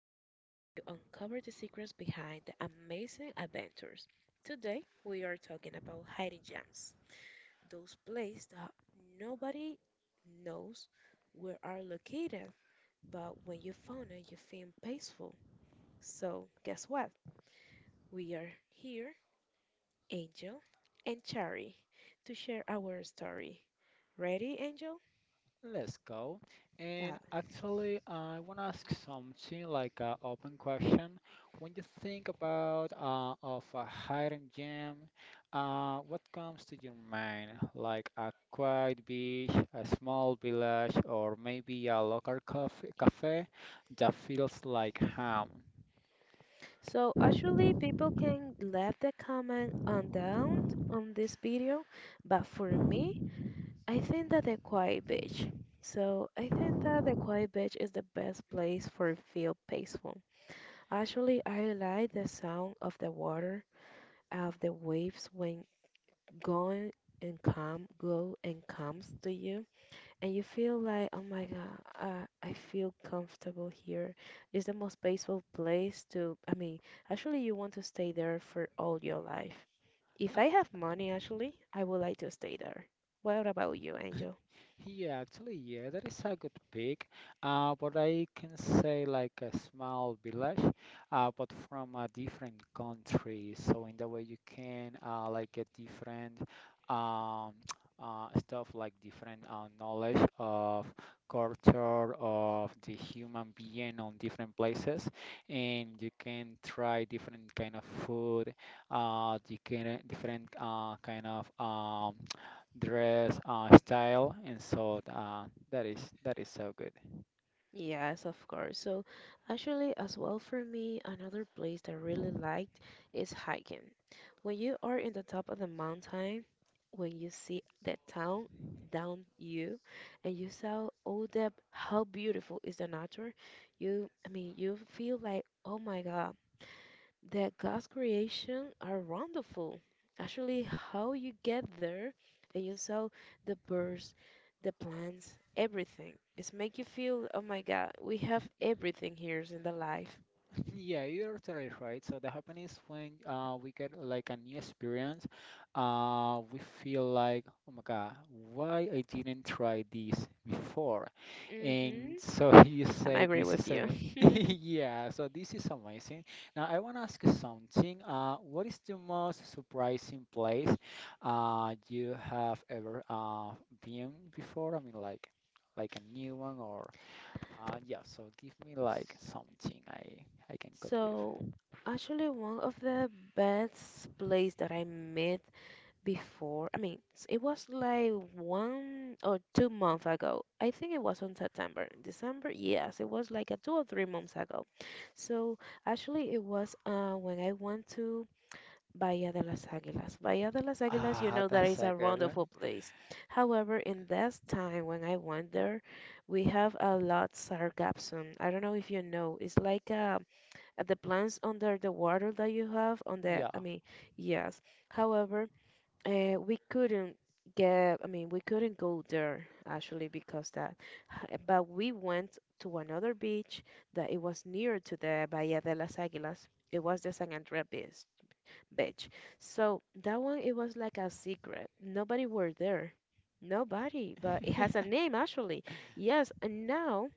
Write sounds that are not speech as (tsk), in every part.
podcast where you uncover the secrets behind the amazing adventures. Today we are talking about hiding gems, those places that nobody knows where are located, but when you found it, you feel peaceful. So guess what? We are here, Angel and Chari, to share our story. Ready, Angel? Let's go. And Yeah. actually, I want to ask something like an open question. When you think about of a hidden gem, what comes to your mind? Like a quiet beach, a small village, or maybe a local cafe that feels like home. So actually people can leave the comment on down on this video, but for me, I think that the quiet beach. So I think that the quiet beach is the best place for feel peaceful. Actually, I like the sound of the water, of the waves when going and come, go and comes to you and you feel like, oh my God, I feel comfortable here. It's the most peaceful place to, I mean, actually, you want to stay there for all your life. If I have money, actually, I would like to stay there. What about you, Angel? Yeah, actually, yeah, that is a good pick. But I can say like a small village, but from a different country. So in that way, you can like get different um, (tsk) stuff, like different knowledge of culture of the human being on different places, and you can try different kind of food, you can different kind of dress style, and that is so good. Yes, of course. So, actually, as well for me, another place that I really liked is hiking. When you are in the top of the mountain, when you see the town down you, and you saw all that, how beautiful is the nature, you, I mean, you feel like, oh my God that God's creation are wonderful. Actually, how you get there and you saw the birds, the plants, everything. It's make you feel, oh my God, we have everything here in the life. (laughs) Yeah, you're totally right. So that happens when we get like a new experience. We feel like, oh my God, why I didn't try this before? And so (laughs) you Mm-hmm. I say agree this with is you. (laughs) amazing. (laughs) Yeah, so this is amazing. Now I want to ask you something. What is the most surprising place you have ever been before? I mean, like a new one yeah, so give me like S- something I can cut with. So, actually, one of the best place that I met before. I mean, it was like 1 or 2 months ago. I think it was on September, December. Yes, it was like a 2 or 3 months ago. So actually, it was when I went to Bahía de las Águilas. Bahía de las Águilas, you Ah, know, that that's is a a good wonderful one. place. However, in this time when I went there, we have a lot sargassum. I don't know if you know. It's like the plants under the water that you have on the. Yeah. I mean, yes. However. We couldn't get, I mean, we couldn't go there actually because that, but we went to another beach that it was near to the Bahía de las Águilas. It was the San Andrés beach, beach. So that one, it was like a secret. Nobody were there. Nobody, but it has a name actually. Yes, and now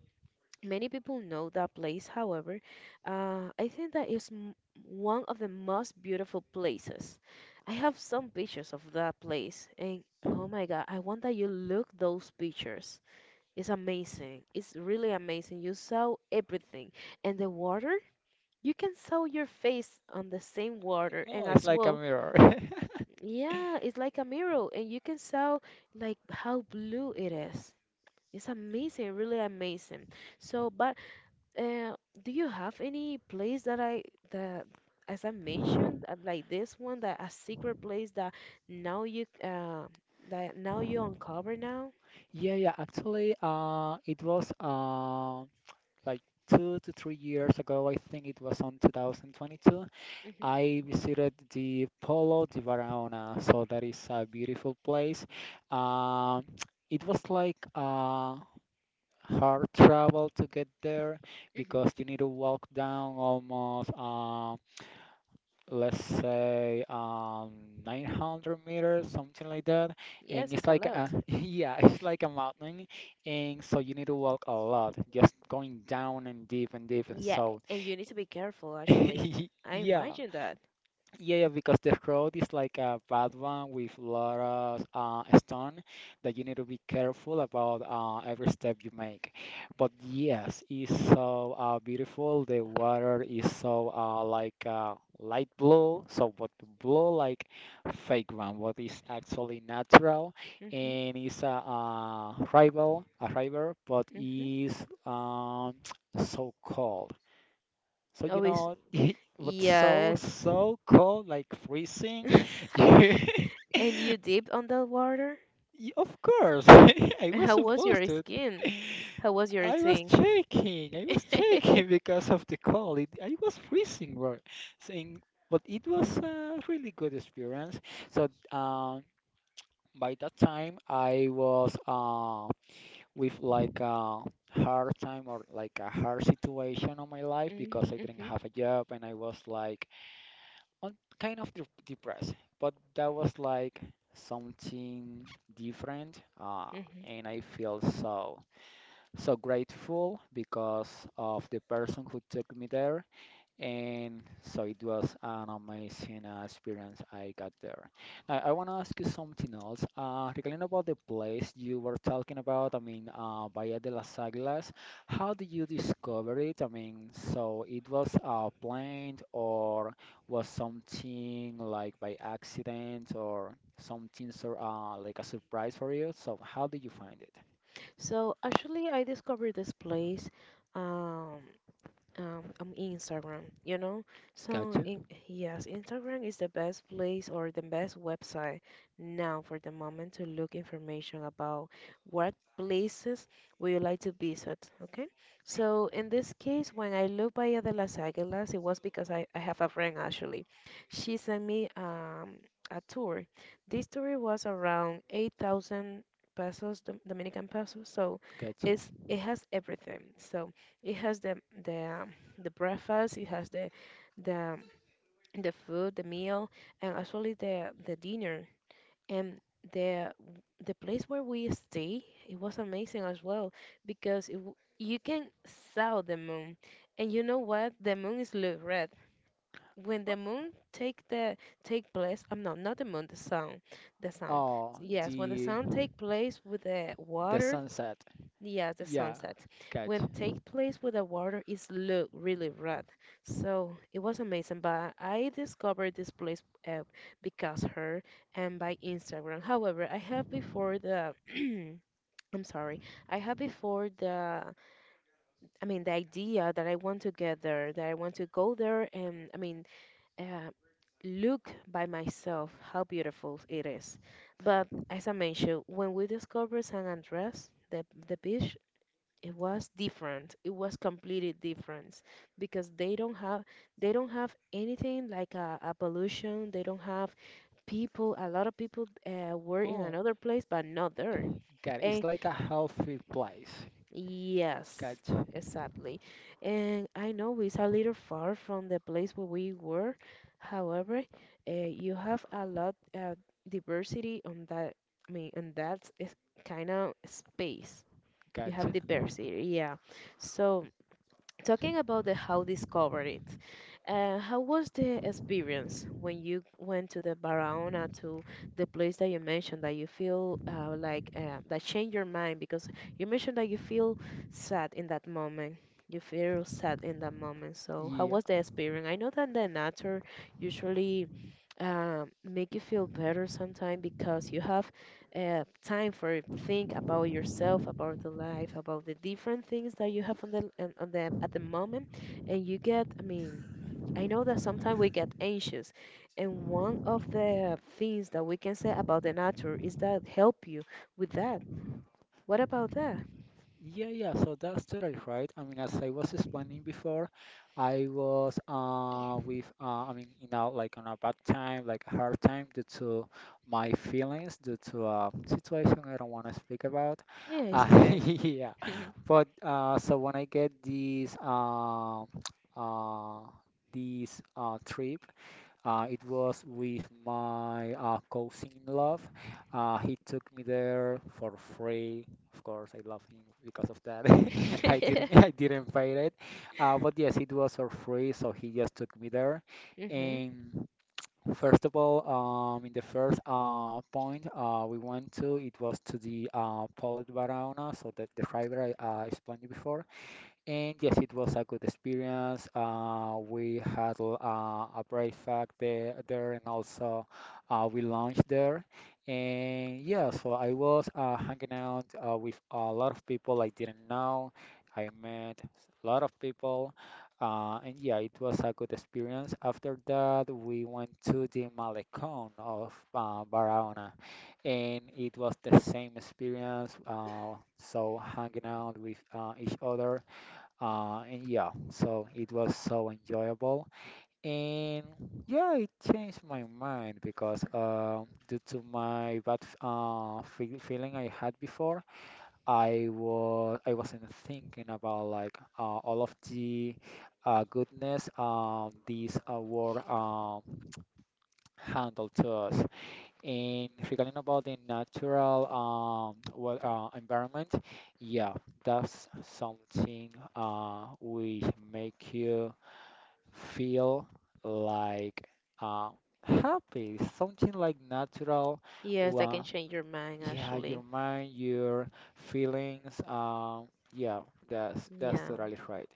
many people know that place, however, I think that is one of the most beautiful places. I have some pictures of that place, and oh my God, I want that you look those pictures. It's amazing. It's really amazing. You saw everything, and the water, you can saw your face on the same water, and Oh, it's as like a well, mirror. (laughs) yeah, it's like a mirror, and you can saw like how blue it is. It's amazing, really amazing. So, but uh, do you have any place that, as I mentioned, like this one that a secret place now you uh that now you uncover now? Yeah, yeah. Actually, it was like 2 to 3 years ago. I think it was on 2022. Hmm. I visited the Polo di Varaona, so that is a beautiful place. Um, (tsk) it was like hard travel to get there Hmm. because you need to walk down almost let's say 900 meters something like that, and Yes, it's it's a like a lot. (laughs) yeah it's like a mountain, and so you need to walk a lot just going down and deep and deep and Yeah, so and you need to be careful actually. (laughs) I yeah imagine that. yeah, yeah, because the road is like a bad one with lot of stone that you need to be careful about every step you make. But yes, it's so beautiful. The water is so like light blue, so but blue like fake one, what is actually natural, Hmm. and it's a a river, but Hmm. is (tsk) so cold. So you Always. know, (laughs) what's so Yes. (laughs) so cold, like freezing. (laughs) And you dipped on that water? (laughs) You, (laughs) of course, (laughs) I And was how was supposed your to. skin? How was your I was skin? shaking. I was (laughs) shaking (laughs) because of the cold. It, I was freezing, bro. Saying, but it was a really good experience. So um, by that time, I was with like a hard time or like a hard situation on my life, because I didn't Mm-hmm. have a job and I was like I'm kind of de depressed, but that was like something different, Mhm. and I feel so grateful because of the person who took me there, and so it was an amazing experience I got there. Now I want to ask you something else. Regarding about the place you were talking about, I mean, Bahía de las Águilas, how did you discover it? I mean, it was something. By or some things are like a surprise for you. So how did you find it? So actually, I discovered this place. Um, on Instagram, you know? So, in, yes, Instagram is the best place or the best website now for the moment to look information about what places would you like to visit, okay? So, in this case, when I look Bahía de las Águilas, it was because I have a friend actually. She sent me a tour. This tour was around 8,000 pesos, Dominican pesos, so it has everything. So it has the the breakfast, it has the the food, the meal, and actually the dinner. And the the place where we stay, it was amazing as well because you can saw the moon. And you know what? The moon is look red. When the moon take the take place, I'm not, not the moon, the sun, the sun. Oh, Yes, when the The sun take place with the the water. sunset. Yeah, the Yeah, sunset. When gotcha. take place with the water is look really red. So it was amazing, but I discovered this place because her and by Instagram. However, I have before the (clears throat) I'm sorry. I have before the, I mean, the idea that I want to get there, that I want to go there and I mean uh, look by myself how beautiful it is. But as I mentioned, when we discovered San Andres, the beach, it was different, it was completely different because they don't have anything like a pollution. They don't have people, a lot of people were in another place but not there. Got it's And like a healthy place. yes, Gotcha. exactly. And I know it's a little far from the place where we were, however, you have a lot of diversity on that, I mean, and that's kind of space. You have Gotcha. diversity, yeah. So talking about the how discovered it. How was the experience when you went to the Barahona, to the place that you mentioned that you feel that changed your mind because you mentioned that you feel sad in that moment. You feel sad in that moment. So how Yeah. was the experience? I know that the nature usually make you feel better sometimes because you have time for think about yourself, about the life, about the different things that you have on the, on the at the moment and you get, I mean, I know that sometimes we get anxious, and one of the things that we can say about the nature is that help you with that. What about that? Yeah, yeah, so that's totally right. I mean, as I was explaining before, I was with I mean, you know, like on a bad time, like a hard time due to my feelings, due to a situation I don't want to speak about. Yeah, it's okay. (laughs) yeah. (laughs) Hmm. But so when I get these uh, (tsk) uh this trip, it was with my cousin in love. He took me there for free. Of course, I love him because of that. (laughs) I didn't pay it. But yes, it was for free, so he just took me there. And first of all, in the first point we went to, it was to the Polet Barahona, so that the river I explained you before. And yes, it was a good experience. We had a breakfast there, there and also we launched there. And yeah, so I was hanging out with a lot of people I didn't know. I met a lot of people. And yeah, it was a good experience. After that, we went to the Malecón of Barahona, and it was the same experience. So hanging out with each other and yeah, so it was so enjoyable. And yeah, it changed my mind because due to my bad feeling I had before, I wasn't thinking about like all of the goodness these were (tsk) handled to us. And regarding about the natural well, environment, yeah, that's something which make you feel like uh, happy, something like natural. Yes, that can Uh, change your mind yeah, actually. your mind, your feelings. Yeah, that's Yeah. totally right.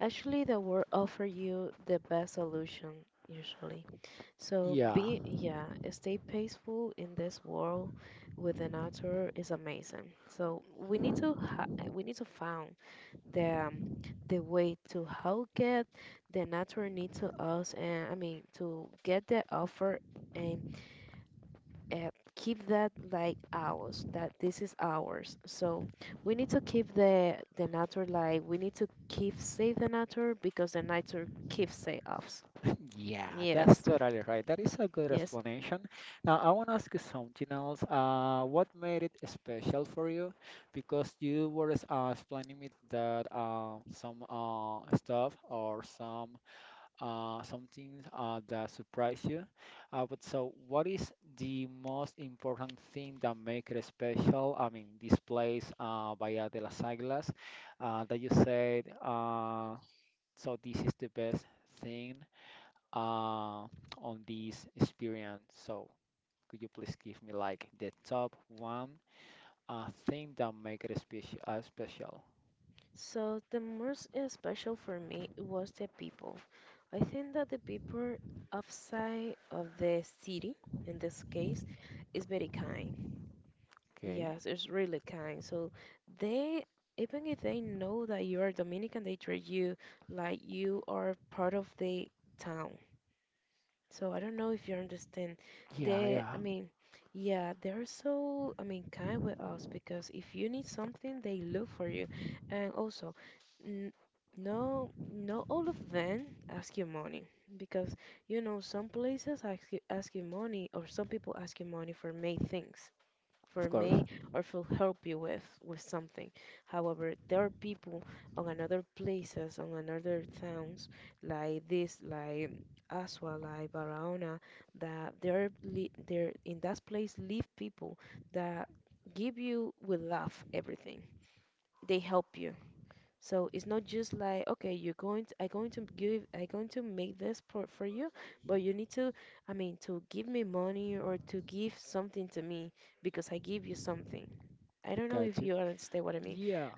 Actually, the world offer you the best solution usually. So Yeah, be, yeah, stay peaceful in this world with the nature is amazing. So we need to find the um, the way to how get the natural need to us and I mean to get the offer and uh, keep that like ours, that this is ours, so we need to keep the natural like we need to keep save the natural because the natural keeps save us. yeah, that's Yes. totally right. That is a good Yes. explanation. Now, I want to ask you something else. What made it special for you? Because you were explaining me that some stuff or some something that surprised you. But so, what is the most important thing that make it special? I mean, this place, Bahía de las Águilas, that you said. So this is the best thing uh, on this experience. So could you please give me like the top one thing that make it special? Special. So the most special for me was the people. I think that the people outside of the city, in this case, is very kind. Okay. Yes, it's really kind. So they, even if they know that you are Dominican, they treat you like you are part of the town. So I don't know if you understand. Yeah, They, I yeah. mean, yeah, they're so, I mean, kind with us because if you need something, they look for you. And also, n no, not all of them ask you money because you know some places ask you money or some people ask you money for many things for Of course. me or will help you with something. However, there are people on another places, on another towns like this, like Asua, like Barahona, that there in that place live people that give you with love everything. They help you. So it's not just like okay, I'm going to give, I'm going to make this for you, but you need to, I mean, to give me money or to give something to me because I give you something. I don't know Got if you. you understand what I mean. Yeah.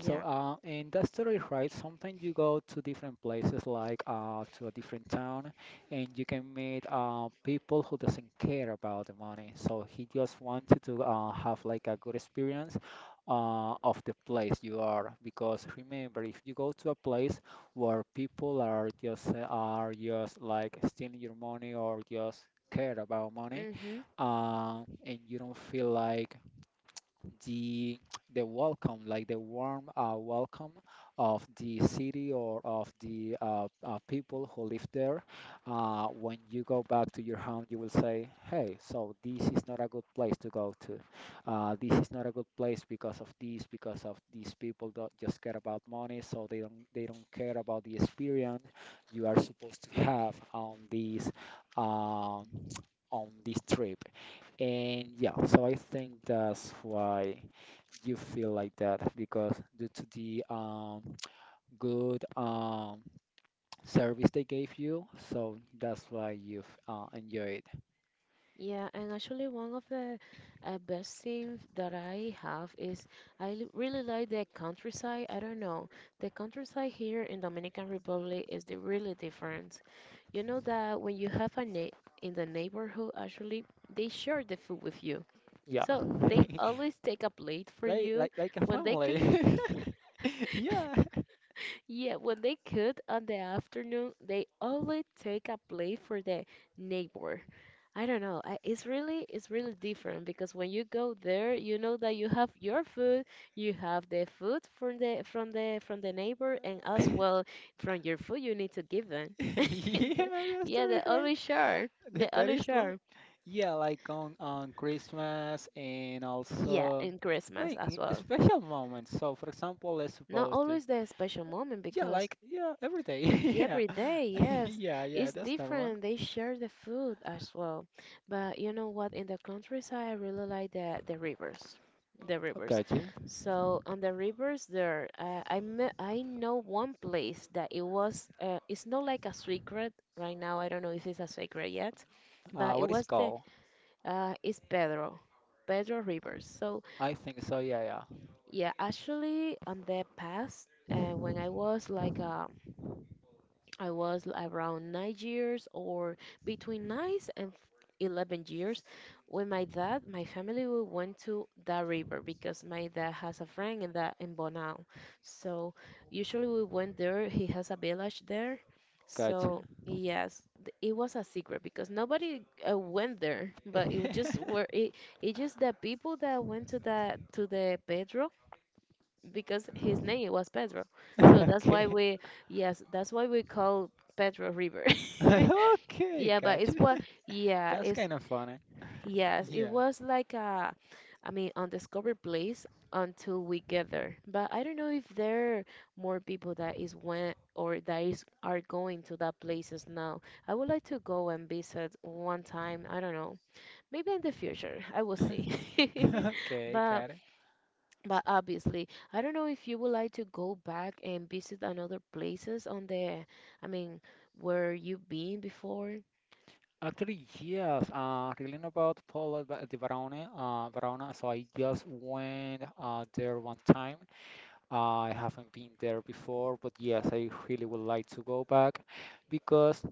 So, in that story, right, sometimes you go to different places, like to a different town, and you can meet people who doesn't care about the money. So he just wanted to have like a good experience of the place you are. Because remember, if you go to a place where people are just like stealing your money or just care about money, Mm-hmm. And you don't feel like the the welcome, like the warm welcome of the city or of the people who live there. When you go back to your home, you will say, "Hey, so this is not a good place to go to. This is not a good place because of this, because of these people that just care about money, so they don't care about the experience you are supposed to have on this." Um, (tsk) on this trip, and yeah so I think that's why you feel like that because due to the (tsk) good service they gave you, so that's why you've enjoyed. Yeah, and actually one of the best things that I have is really like the countryside. I don't know. The countryside here in Dominican Republic is the really different. You know that when you have a na in the neighborhood, actually, they share the food with you. Yeah, So they (laughs) always take a plate for like you like like a when they could. family. (laughs) Yeah, Yeah, when they could on the afternoon, they always take a plate for the neighbor. I don't know. I, it's really different because when you go there, you know that you have your food, you have the food from the from the from the neighbor, and (laughs) as yeah, well from your food you need to give them. (laughs) that's Yeah, they true, right? always share. They That, that always is like share. yeah, like on Christmas and Yeah, also. and I Christmas mean, as well. special moments. So, for example, let's Not suppose, the- always the special moment yeah, because like, yeah, every day. (laughs) Yeah. every day, (laughs) yes, Yeah, yeah, it's that's normal. different. They share the food as well. But you know what? In the countryside, I really like the rivers, the rivers. Gotcha. So on the rivers there, I know one place that it was. It's not like a secret right now. I don't know if it's a secret yet, but it What is was the called? It's Pedro Rivers. So I think so. Yeah, yeah. yeah, actually on the past, when I was like a around 9 years or between nine and f- 11 years when my dad, my family, we went to the river because my dad has a friend in that in Bonao. So usually we went there. He has a village there. Gotcha. So yes, it was a secret because nobody went there, but it was just where (laughs) it just the people that went to the Pedro because his name was Pedro. So Okay. Yes, that's why we call Pedro River. (laughs) (laughs) Okay, Yeah, but gotcha. (laughs) Yeah, That's it's, kind of funny. yes, it Yeah. was like a, I mean, undiscovered place until we get there. But I don't know if there are more people that is went or that is are going to that places now. I would like to go and visit one time. I don't know. Maybe in the future, I will see. (laughs) (laughs) Okay, But got it. Obviously, I don't know if you would like to go back and visit another places on I mean, where you've been before. Actually, yes, reading about Polo di Barone, Verona, so I just went there one time. I haven't been there before, but yes, I really would like to go back, because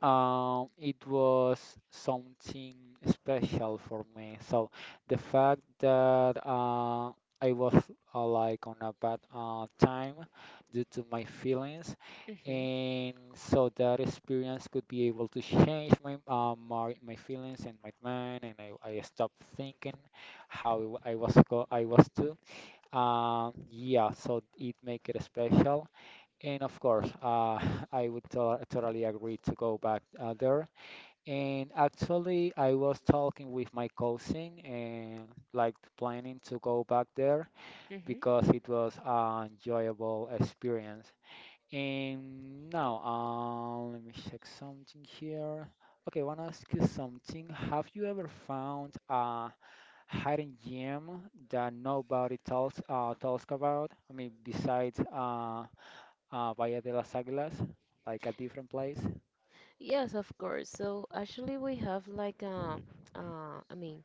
um, it was something special for me. So the fact that I was like on a bad time due to my feelings, Mm-hmm. and so that experience could be able to change my my feelings and my mind, and I stopped thinking how I was too. Yeah, so it make it special. And of course, (laughs) I would totally agree to go back there. And actually, I was talking with my cousin and like planning to go back there Mm-hmm. because it was an enjoyable experience. And now, let me check something here. Okay, I want to ask you something. Have you ever found a hidden gem that nobody talks about? I mean, besides Valle de las Águilas, like a different place. Yes, of course. So actually, we have like I mean,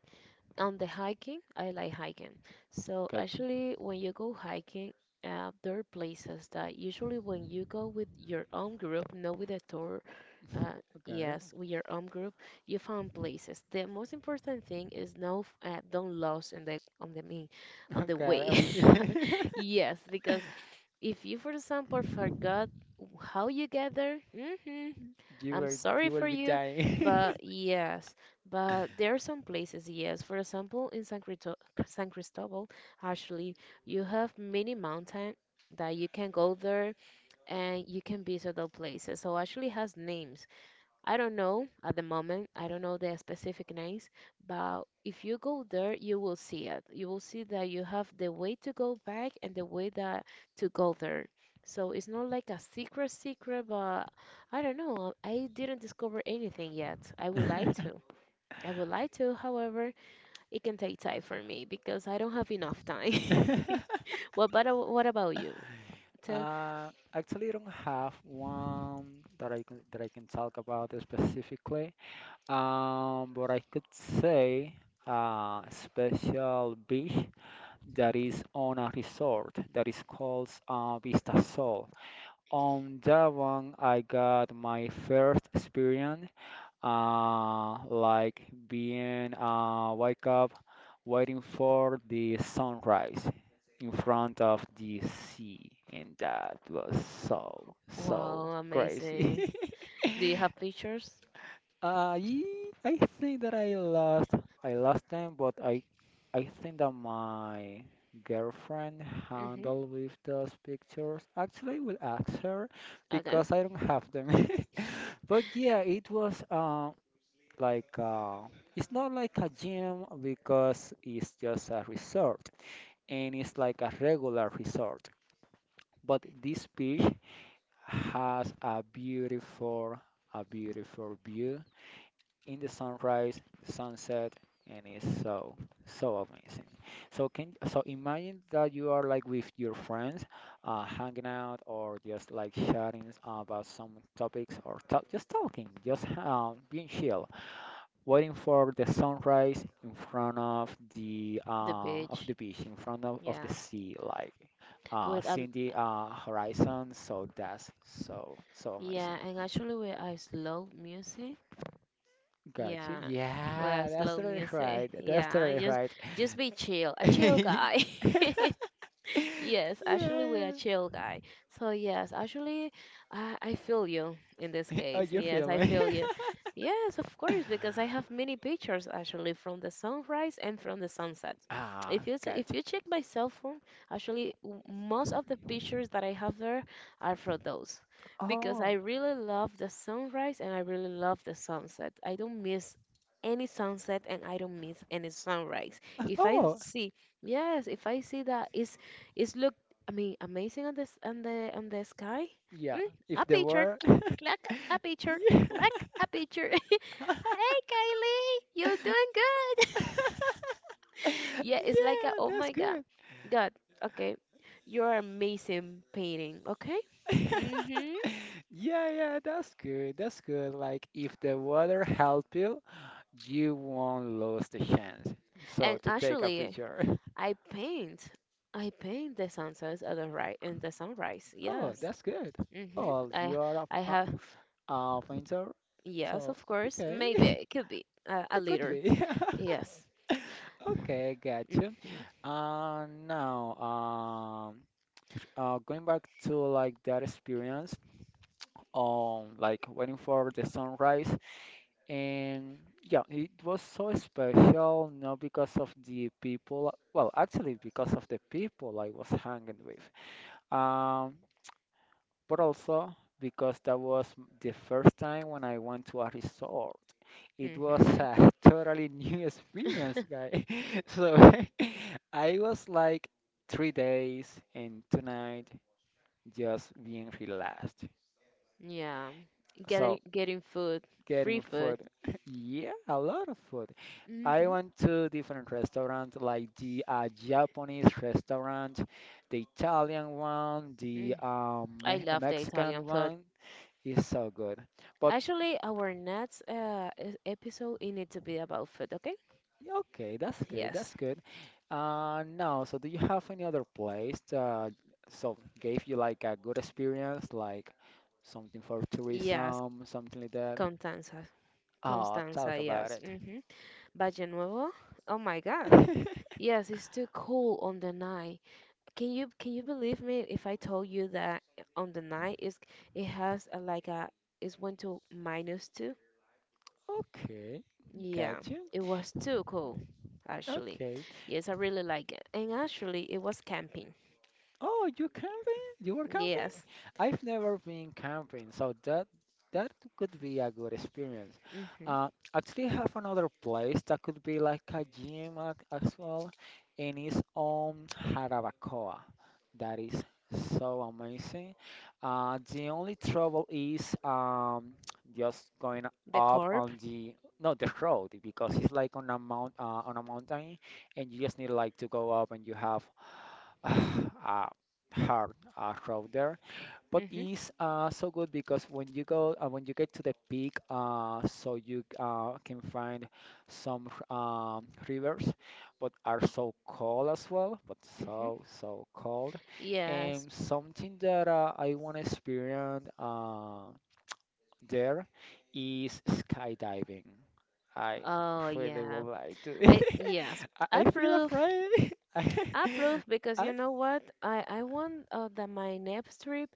on the hiking, I like hiking. So Gotcha. actually, when you go hiking, there are places that usually when you go with your own group, not with a tour, uh, Got yes, with your own group, you find places. The most important thing is don't lose in the on the mean, on it. (laughs) the Got way. it. And (laughs) the- Yes, because if you, for example, forgot how you get there. Hmm. (laughs) I'm sorry you will for be you, dying. but yes, but there are some places, yes. For example, in San Cristobal, actually, you have many mountain that you can go there and you can visit the places. So actually has names. I don't know at the moment, I don't know the specific names, but if you go there, you will see it. You will see that you have the way to go back and the way that to go there. So it's not like a secret secret, but I don't know. I didn't discover anything yet. I would like to. (laughs) I would like to, however, it can take time for me because I don't have enough time. (laughs) What about you? Tell, actually, I don't have one that I can talk about specifically. But I could say a special beach that is on a resort that is called Vista Sol. On that one, I got my first experience like being wake up waiting for the sunrise in front of the sea, and that was so so wow, amazing. crazy. Do you have pictures? (laughs) uh, ye- I think that I lost them, but I think that my girlfriend Mm-hmm. handled with those pictures. Actually, I will ask her Okay. because I don't have them. (laughs) But yeah, it was like it's not like a gym because it's just a resort, and it's like a regular resort. But this beach has a beautiful view in the sunrise, sunset, and it's so, so amazing. So can so imagine that you are like with your friends, hanging out or just like chatting about some topics, or just talking, just being chill, waiting for the sunrise in front of the The uh, of beach. the beach, in front of the Yeah. sea, like With seeing the horizon. So that's so so yeah, amazing. and actually with a slow music. Got you. Yeah. With Yeah, a that's slow totally music. right. (laughs) That's Yeah. totally Just right. just be chill. (laughs) A chill yeah, guy. (laughs) Yes, actually we're a yeah. (laughs) chill guy. So yes, actually I feel you in this Oh, case. you Yes, feel I me? feel you. Yes, of course, because I have many pictures actually from the sunrise and from the sunset. (laughs) ah, got If you. you check my cell phone, actually most of the pictures that I have there are for those because Oh, I really love the sunrise and I really love the sunset. I don't miss any sunset and I don't miss any sunrise. (laughs) If I oh, see, yes, if I see that it's look, I mean, amazing on this on the sky. yeah. Mm, a If there picture, were, clack, a picture, (laughs) yeah. clack, a picture. (laughs) Hey, Kylie, you doing good. (laughs) (laughs) Yeah, (laughs) Yeah, it's like a, oh that's my God, good. God, okay, you're amazing painting, okay. (laughs) Mhm. Yeah, yeah, that's good. That's good. Like if the water help you, you won't lose the chance, so And to take a actually, picture. (laughs) I paint. I paint the sunsets and and the sunrise. Oh, Yes. that's good. Mm-hmm. Oh, I you are I have a painter. yes, So of course. okay, (laughs) Maybe it it could be a could little. be. (laughs) Yes. Okay, got you. Mm-hmm. Now, going back to like that experience, like waiting for the sunrise. And yeah, it was so special, not because of the people. Well, actually, because of the people I was hanging with, um, but also because that was the first time when I went to a resort. It was Mm-hmm. a (laughs) totally new experience, (laughs) guy. (laughs) So (laughs) I was like 3 days and 2 nights just being relaxed. Yeah. Getting So getting food, free getting food. food. (laughs) Yeah, a lot of food. I Mm-hmm. went to different restaurants, like the Japanese restaurant, the Italian one, the Mm. I love the Italian Mexican food. one. Is so good. But Actually, our next episode it needs to be about food, okay? okay, that's good. Yes. That's good. Now, so do you have any other place that so gave you like a good experience, like something for Yes. tourism, something like that? Constanza. Oh, talk Constanza, about yes. it. Hmm. Valle Nuevo? Oh my God. (laughs) Yes, it's too cool on the night. Can you believe me if I told you that on the night is it has a, like a it's went to minus two? Okay, Yeah, got you. it was too cool actually. Okay. Yes, I really like it. And actually, it was camping. Oh, you camping? You were camping? Yes. I've never been camping, so that could be a good experience. Hmm. Uh, Actually, I have another place that could be like a gym as well, and it's on Jarabacoa. That is so amazing. The only trouble is (tsk) just going The up corp. on the no the road, because it's like on a mount on a mountain, and you just need like to go up, and you have (sighs) uh, hard road there. But Hmm. it's so good because when you get to the peak, so you can find some rivers, but are so cold as well, but Hmm. so so cold. Yes. And something that I want to experience there is skydiving. I Oh really yeah. would like to. I yes. (laughs) I I feel approve. afraid. (laughs) Approve because I you know what? I want that my next trip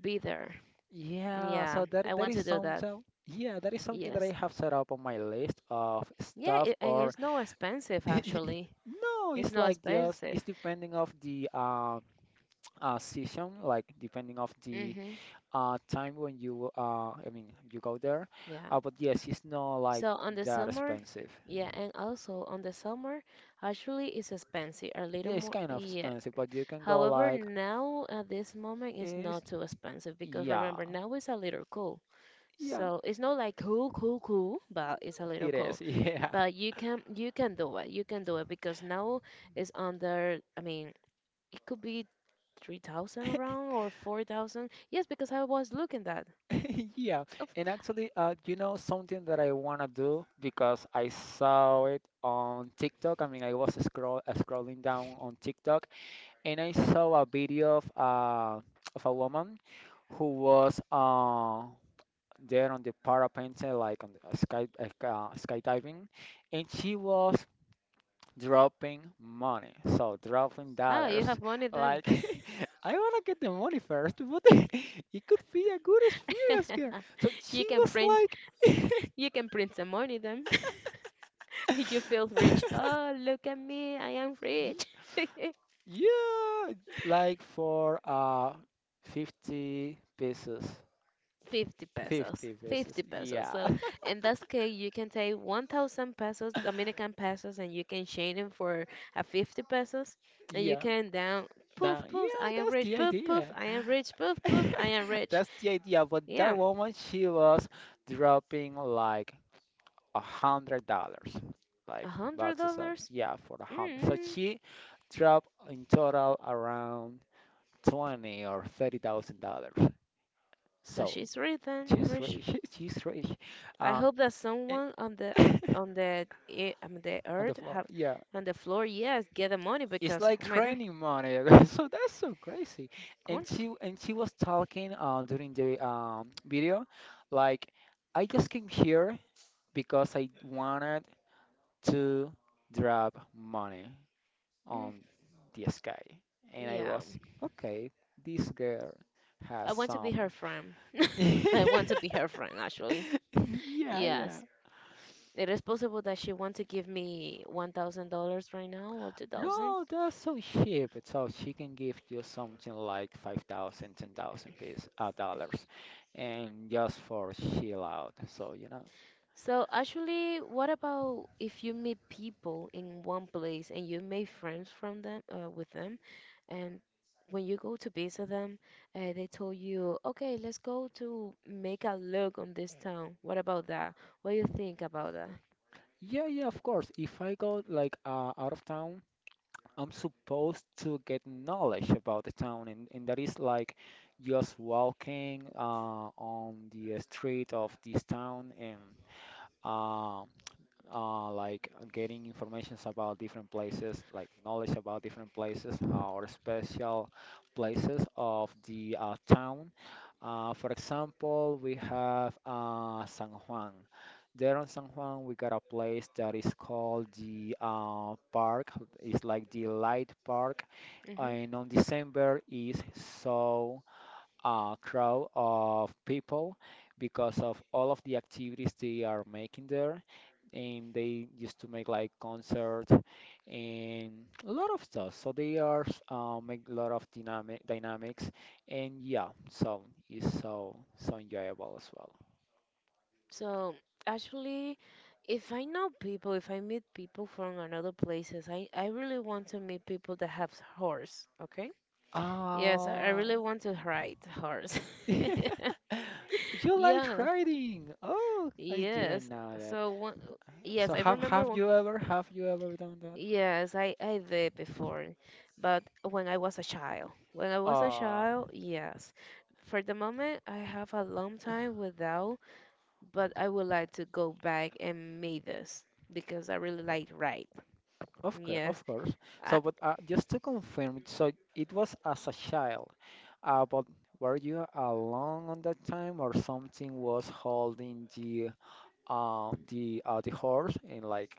be there. Yeah, Yeah, so that I that want is to do that. something. Yeah, that is something that I Yes. have set up on my list of Yeah, stuff. it, and Or it's no expensive actually. (laughs) no, It's it's no like just it's expensive. depending of the season, like depending of the Mm-hmm. Time when you I mean you go there. Yeah. But yes, it's not like So on the that summer, expensive. yeah, and also on the summer, actually, it's expensive, a little Yeah, it's more. kind of Yeah. expensive, but you can go However, like now at this moment, it's is. not too expensive because Yeah, remember, now it's a little cool. yeah, So it's not like cool, cool, cool, but it's a little it cool. is. (laughs) yeah. But you can do it. You can do it because now it's under. I mean, it could be 3,000 around or 4,000. Yes, because I was looking that. (laughs) Yeah, Of and actually, you know something that I wanna do because I saw it on TikTok. I mean, I was scrolling down on TikTok, and I saw a video of a woman who was there on the parapente, like on the sky, like skydiving, and she was dropping money. So dropping oh, you dollars. have money then. Like (laughs) I wanna get the money first, but (laughs) it could be a good experience here. (laughs) So You she can was print, like, (laughs) you can print some money then. (laughs) You feel rich. Oh, look at me, I am rich. Y- yeah, (laughs) like for 50 pieces. 50 pesos, 50 pieces. 50 pesos. Yeah. (laughs) So in this case, you can take 1,000 pesos, Dominican pesos, and you can change them for a 50 pesos, and you Yeah, can down, poof, that, poof, yeah, I am that's the rich, poof, poof, idea. I am rich, poof, (laughs) poof, I am rich. That's the idea. But that Yeah. woman, she was dropping like $100, A like hundred boxes of, dollars? yeah, for 100. So Mm, she dropped in total around twenty or thirty thousand dollars. but So she's rich and she's rich. rich. (laughs) She's rich. I Uh, hope that eh, someone (laughs) on on the e- on the the earth floor, have yeah. on the floor, yes, get the money It's because like oh my god, raining money. (laughs) So that's so crazy. cool. And she was talking during the video, like, I just came here because I wanted to drop money Mm, on the sky. And I yeah, was, okay, this girl I has want to be some. her (laughs) friend. (laughs) I want to be her friend actually. Yeah, yeah. Yes, it is possible that she want to give me $1,000 right now or 2,000. No, that's so cheap. So she can give you something like 5,000, 10,000 piece, dollars, and just for chill out. So, you know. So actually, what about if you meet people in one place and you make friends from them with them, and when you go to visit them, they told you, okay, let's go to make a look on this town. What about that? What do you think about that? Yeah, yeah, of course. If I go like out of town, I'm supposed to get knowledge about the town, and that is like just walking on the street of this town, and uh, like getting informations about different places, like knowledge about different places, or special places of the town. For example, we have San Juan. There on San Juan, we got a place that is called the park. It's like the light park, Hmm. and on December is so crowd of people because of all of the activities they are making there. And they used to make like concerts and a lot of stuff. So they are make a lot of dynamic dynamics, and yeah, so it's so so enjoyable as well. So actually, if I know people, if I meet people from another places, I really want to meet people that have horse, okay? Yes, I Ah, really want to ride horse. (laughs) you (laughs) like Yeah. riding? Oh, I didn't Yes. know that. So one, yes, So I have remember have one. you ever have you ever done that? Yes, I did before, but when I was a child. When I was a Uh, child, yes. For the moment, I have a long time without, but I would like to go back and make this because I really like ride. Of course, Yes. of course. I, So, but just to confirm, so it was as a child, but were you alone on that time, or something was holding the horse, and like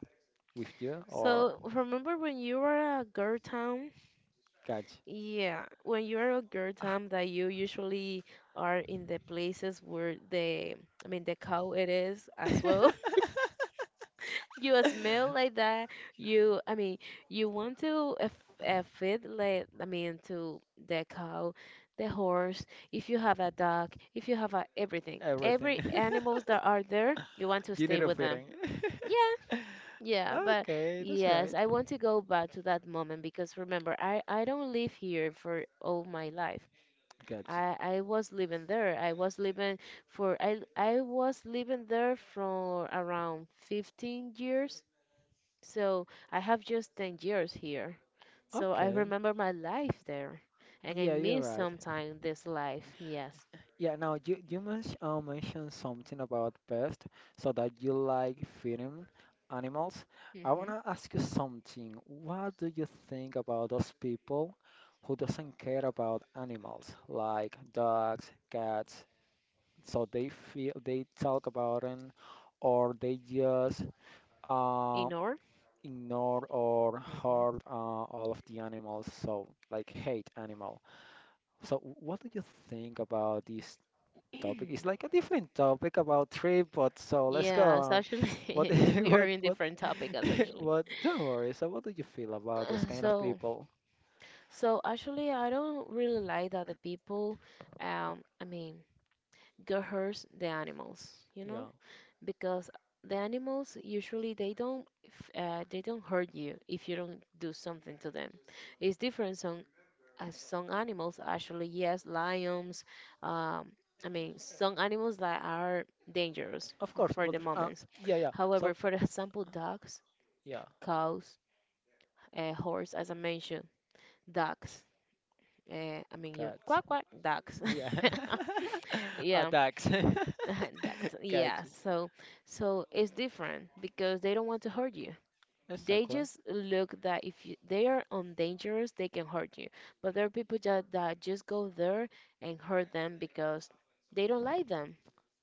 with you, or so remember when you were a girl town? catch? Yeah, when you're a girl time that you usually are in the places where the I mean the cow it is as well. (laughs) (laughs) You smell like that. You I mean you want to feed like I mean to the cow, the horse. If you have a dog, if you have a everything, everything? every (laughs) animals that are there, you want to You need stay a with them. fitting. (laughs) Yeah, yeah, but Okay, that's yes, right. I want to go back to that moment because remember, I don't live here for all my life. Catch. I was living there. I was living for I was living there for around 15 years. So I have just 10 years here. So I Okay. remember my life there and I Yeah, you're miss right. sometimes this life. Yes. Yeah, now you mentioned something about pest, so that you like feeding animals. I Mhm. wanna ask you something. What do you think about those people who doesn't care about animals, like dogs, cats? So they feel, they talk about them, or they just uh, In or? ignore or Mhm. hurt all of the animals, so like hate animal. So what do you think about these topic? It's like a (clears throat) different topic about trip, but so let's go Yeah, so on. What, actually, (laughs) (laughs) we are in what, different topic, as (laughs) actually. what? (sighs) Don't worry. So, what do you feel about those Uh, kind of So, people? so actually, I don't really like that the people, I mean, coerce the animals, you Yeah, know, because the animals usually they don't, they don't hurt you if you don't do something to them. It's different some animals actually, yes, lions, um, I mean some animals that are dangerous of course. for But the moment. yeah, yeah. So, However, for (laughs) example, dogs, yeah, cows, horse, as I mentioned, ducks. I mean, you got, quack quack ducks. yeah, (laughs) (laughs) Yeah. attacks. (laughs) (laughs) Ducks. Got Yeah. you. So, so it's different because they don't want to hurt you. They Exactly. just look that if you, they are on dangerous, they can hurt you. But there are people that just go there and hurt them because they don't like them.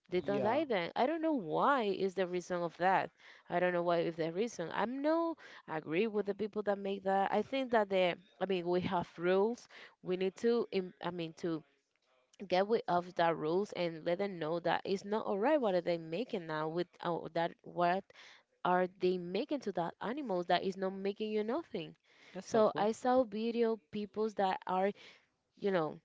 They don't Yeah, like that. I don't know why is the reason of that. I don't know why is the reason. I'm no agree with the people that make that. I think that the I mean we have rules. We need to I mean to get rid of the rules and let them know that it's not all right what are they making now with that what are they making to that animals that is not making you nothing, so exactly. I saw video peoples that are, you know,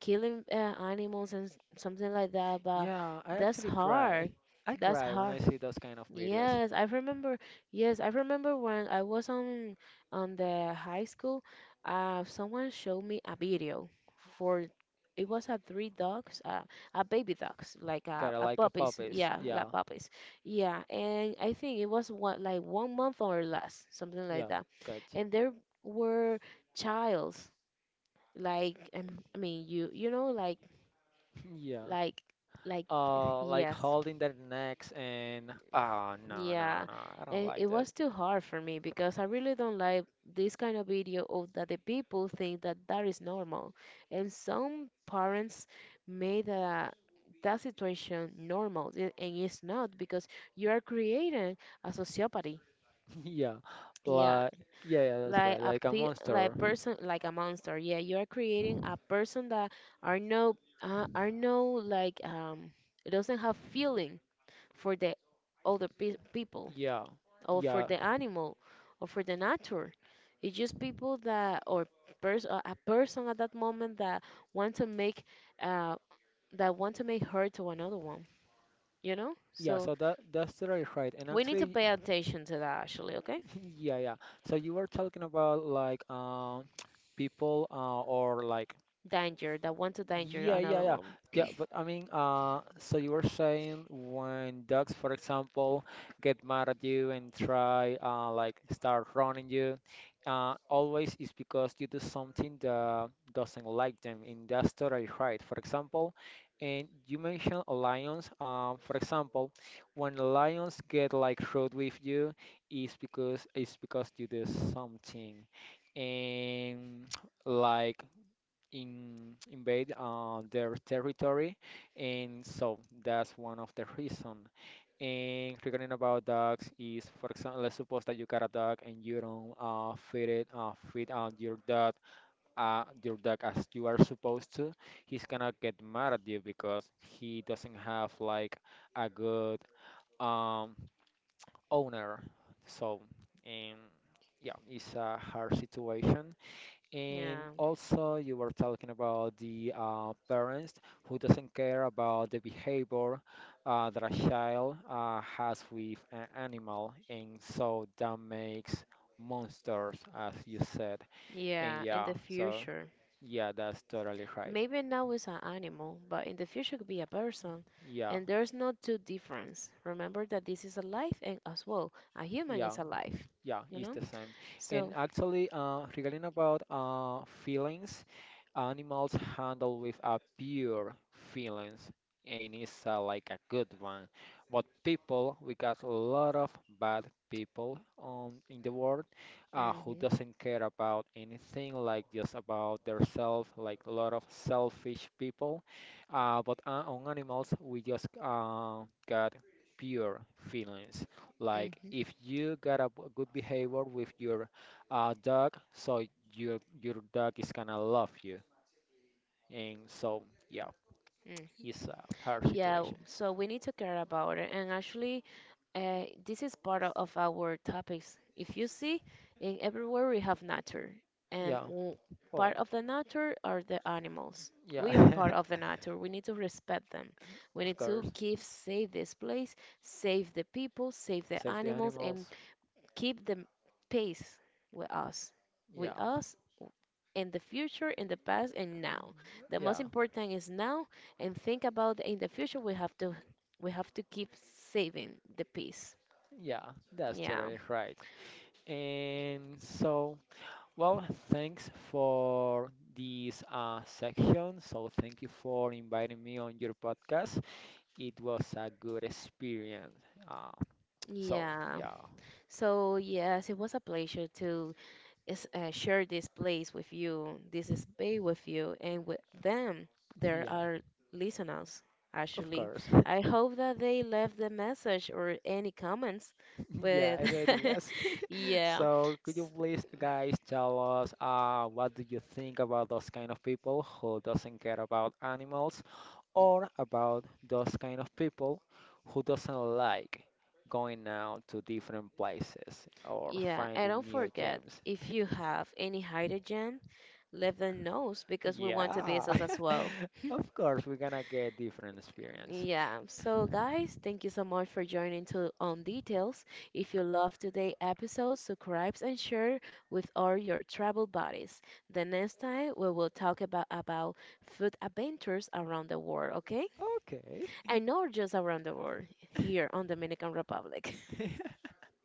killing animals and something like that, but Yeah, I that's actually cry. hard. I That's cry when hard. I see those kind of videos. Yes, I remember. Yes, I remember when I was on the high school. Someone showed me a video for it was a three dogs, a baby dogs, like Gotta a like a puppies. puppies. Yeah, like Yeah, puppies. Yeah, and I think it was one like 1 month or less, something like yeah, that. got you. And there were childs like I mean you you know (laughs) Yeah. like like (sighs) (laughs) Like yes. holding their necks, and oh, no, no, Yeah, no, I don't and it like that. was too hard for me because I really don't like this kind of video of that the people think that that is normal, and some parents made that situation normal, and it's not because you are creating a sociopathy. (laughs) yeah, Yeah, like, yeah, yeah, that's like right, a like a pe like monster. a person like a monster. Yeah, you are creating a person that are not are no like it doesn't have feeling for the people Yeah, or for yeah, the animal or for the nature. It's just people that or a person at that moment want to make uh, that want to make hurt to another one. You know, yeah, so so that that's totally right. And we need to actually, pay attention to that actually. Okay, (laughs) yeah, yeah, so you were talking about like (tsk) people, or like. danger that want to danger Yeah, yeah, another yeah. one. Yeah, but I mean, so you were saying when dogs, for example, get mad at you and try, like start running you, always is because you do something that doesn't like them, and that's totally right. For example, and you mentioned lions. For example, when lions get like rude with you, is because it's because you do something, and like invade their territory, and so that's one of the (laughs) reason. And regarding about dogs is, for example, let's suppose that you got a dog, and you don't feed feed your dog, your dog, as you are supposed to, he's gonna get mad at you because he doesn't have like a good um, owner. So, and yeah, it's a hard situation. And Yeah, also, you were talking about the parents who doesn't care about the behavior that a child has with an animal, and so that makes monsters, as you said. And yeah, in yeah, the so future. yeah, that's totally right. Maybe now it's an animal, but in the future could be a person, Yeah, and there's no two difference. Remember that this is alive, and as well, a human yeah. is alive. Yeah, You it's know, the same. And so actually, regarding about feelings, animals handle with a pure feelings, and it's like a good one. But people, we got a lot of bad people on in the world, who hmm doesn't care about anything, like just about their self, like a lot of selfish people. But on animals, we just got pure feelings. Like, hmm if you got a good behavior with your dog, so your dog is gonna love you. And so yeah, hmm it's a hard yeah, situation. so we need to care about it. And actually, this is part of our topics. If you see, in everywhere we have nature, and Yeah, part well, of the nature are the animals. We are yeah, part of (laughs) the nature. We need to respect them. We of need to course. keep save this place, save the people, save the Save the animals, and animals. keep the pace with us. With Yeah, us in the future, in the past, and now. The most yeah, important is now, and think about in the future. We have to keep saving the peace. yeah, that's Yeah. totally right. And so, well, thanks for this section. So, thank you for inviting me on your podcast. It was a good experience. Uh, So Yeah. yeah, So, yes, it was a pleasure to is, share this place with you, this space with you, and with them, there yeah, are listeners. of Actually, course. (laughs) I hope that they left the message or any comments Yeah, with, any (laughs) ideas? (laughs) yeah, So, could you S- please, guys, tell us what do you think about those kind of people who doesn't care about animals, or about those kind of people who doesn't like going out to different places or yeah. And finding don't new forget, gyms? if (laughs) you have any hydrogen, let them know because we want to be Yeah, us as well. (laughs) of course we're gonna get different experience. Yeah, so guys, thank you so much for joining to On Details. If you love today's episode, subscribe and share with all your travel buddies. The next time we will talk about food adventures around the world, okay? Okay. And not just around the world, here on Dominican Republic. (laughs)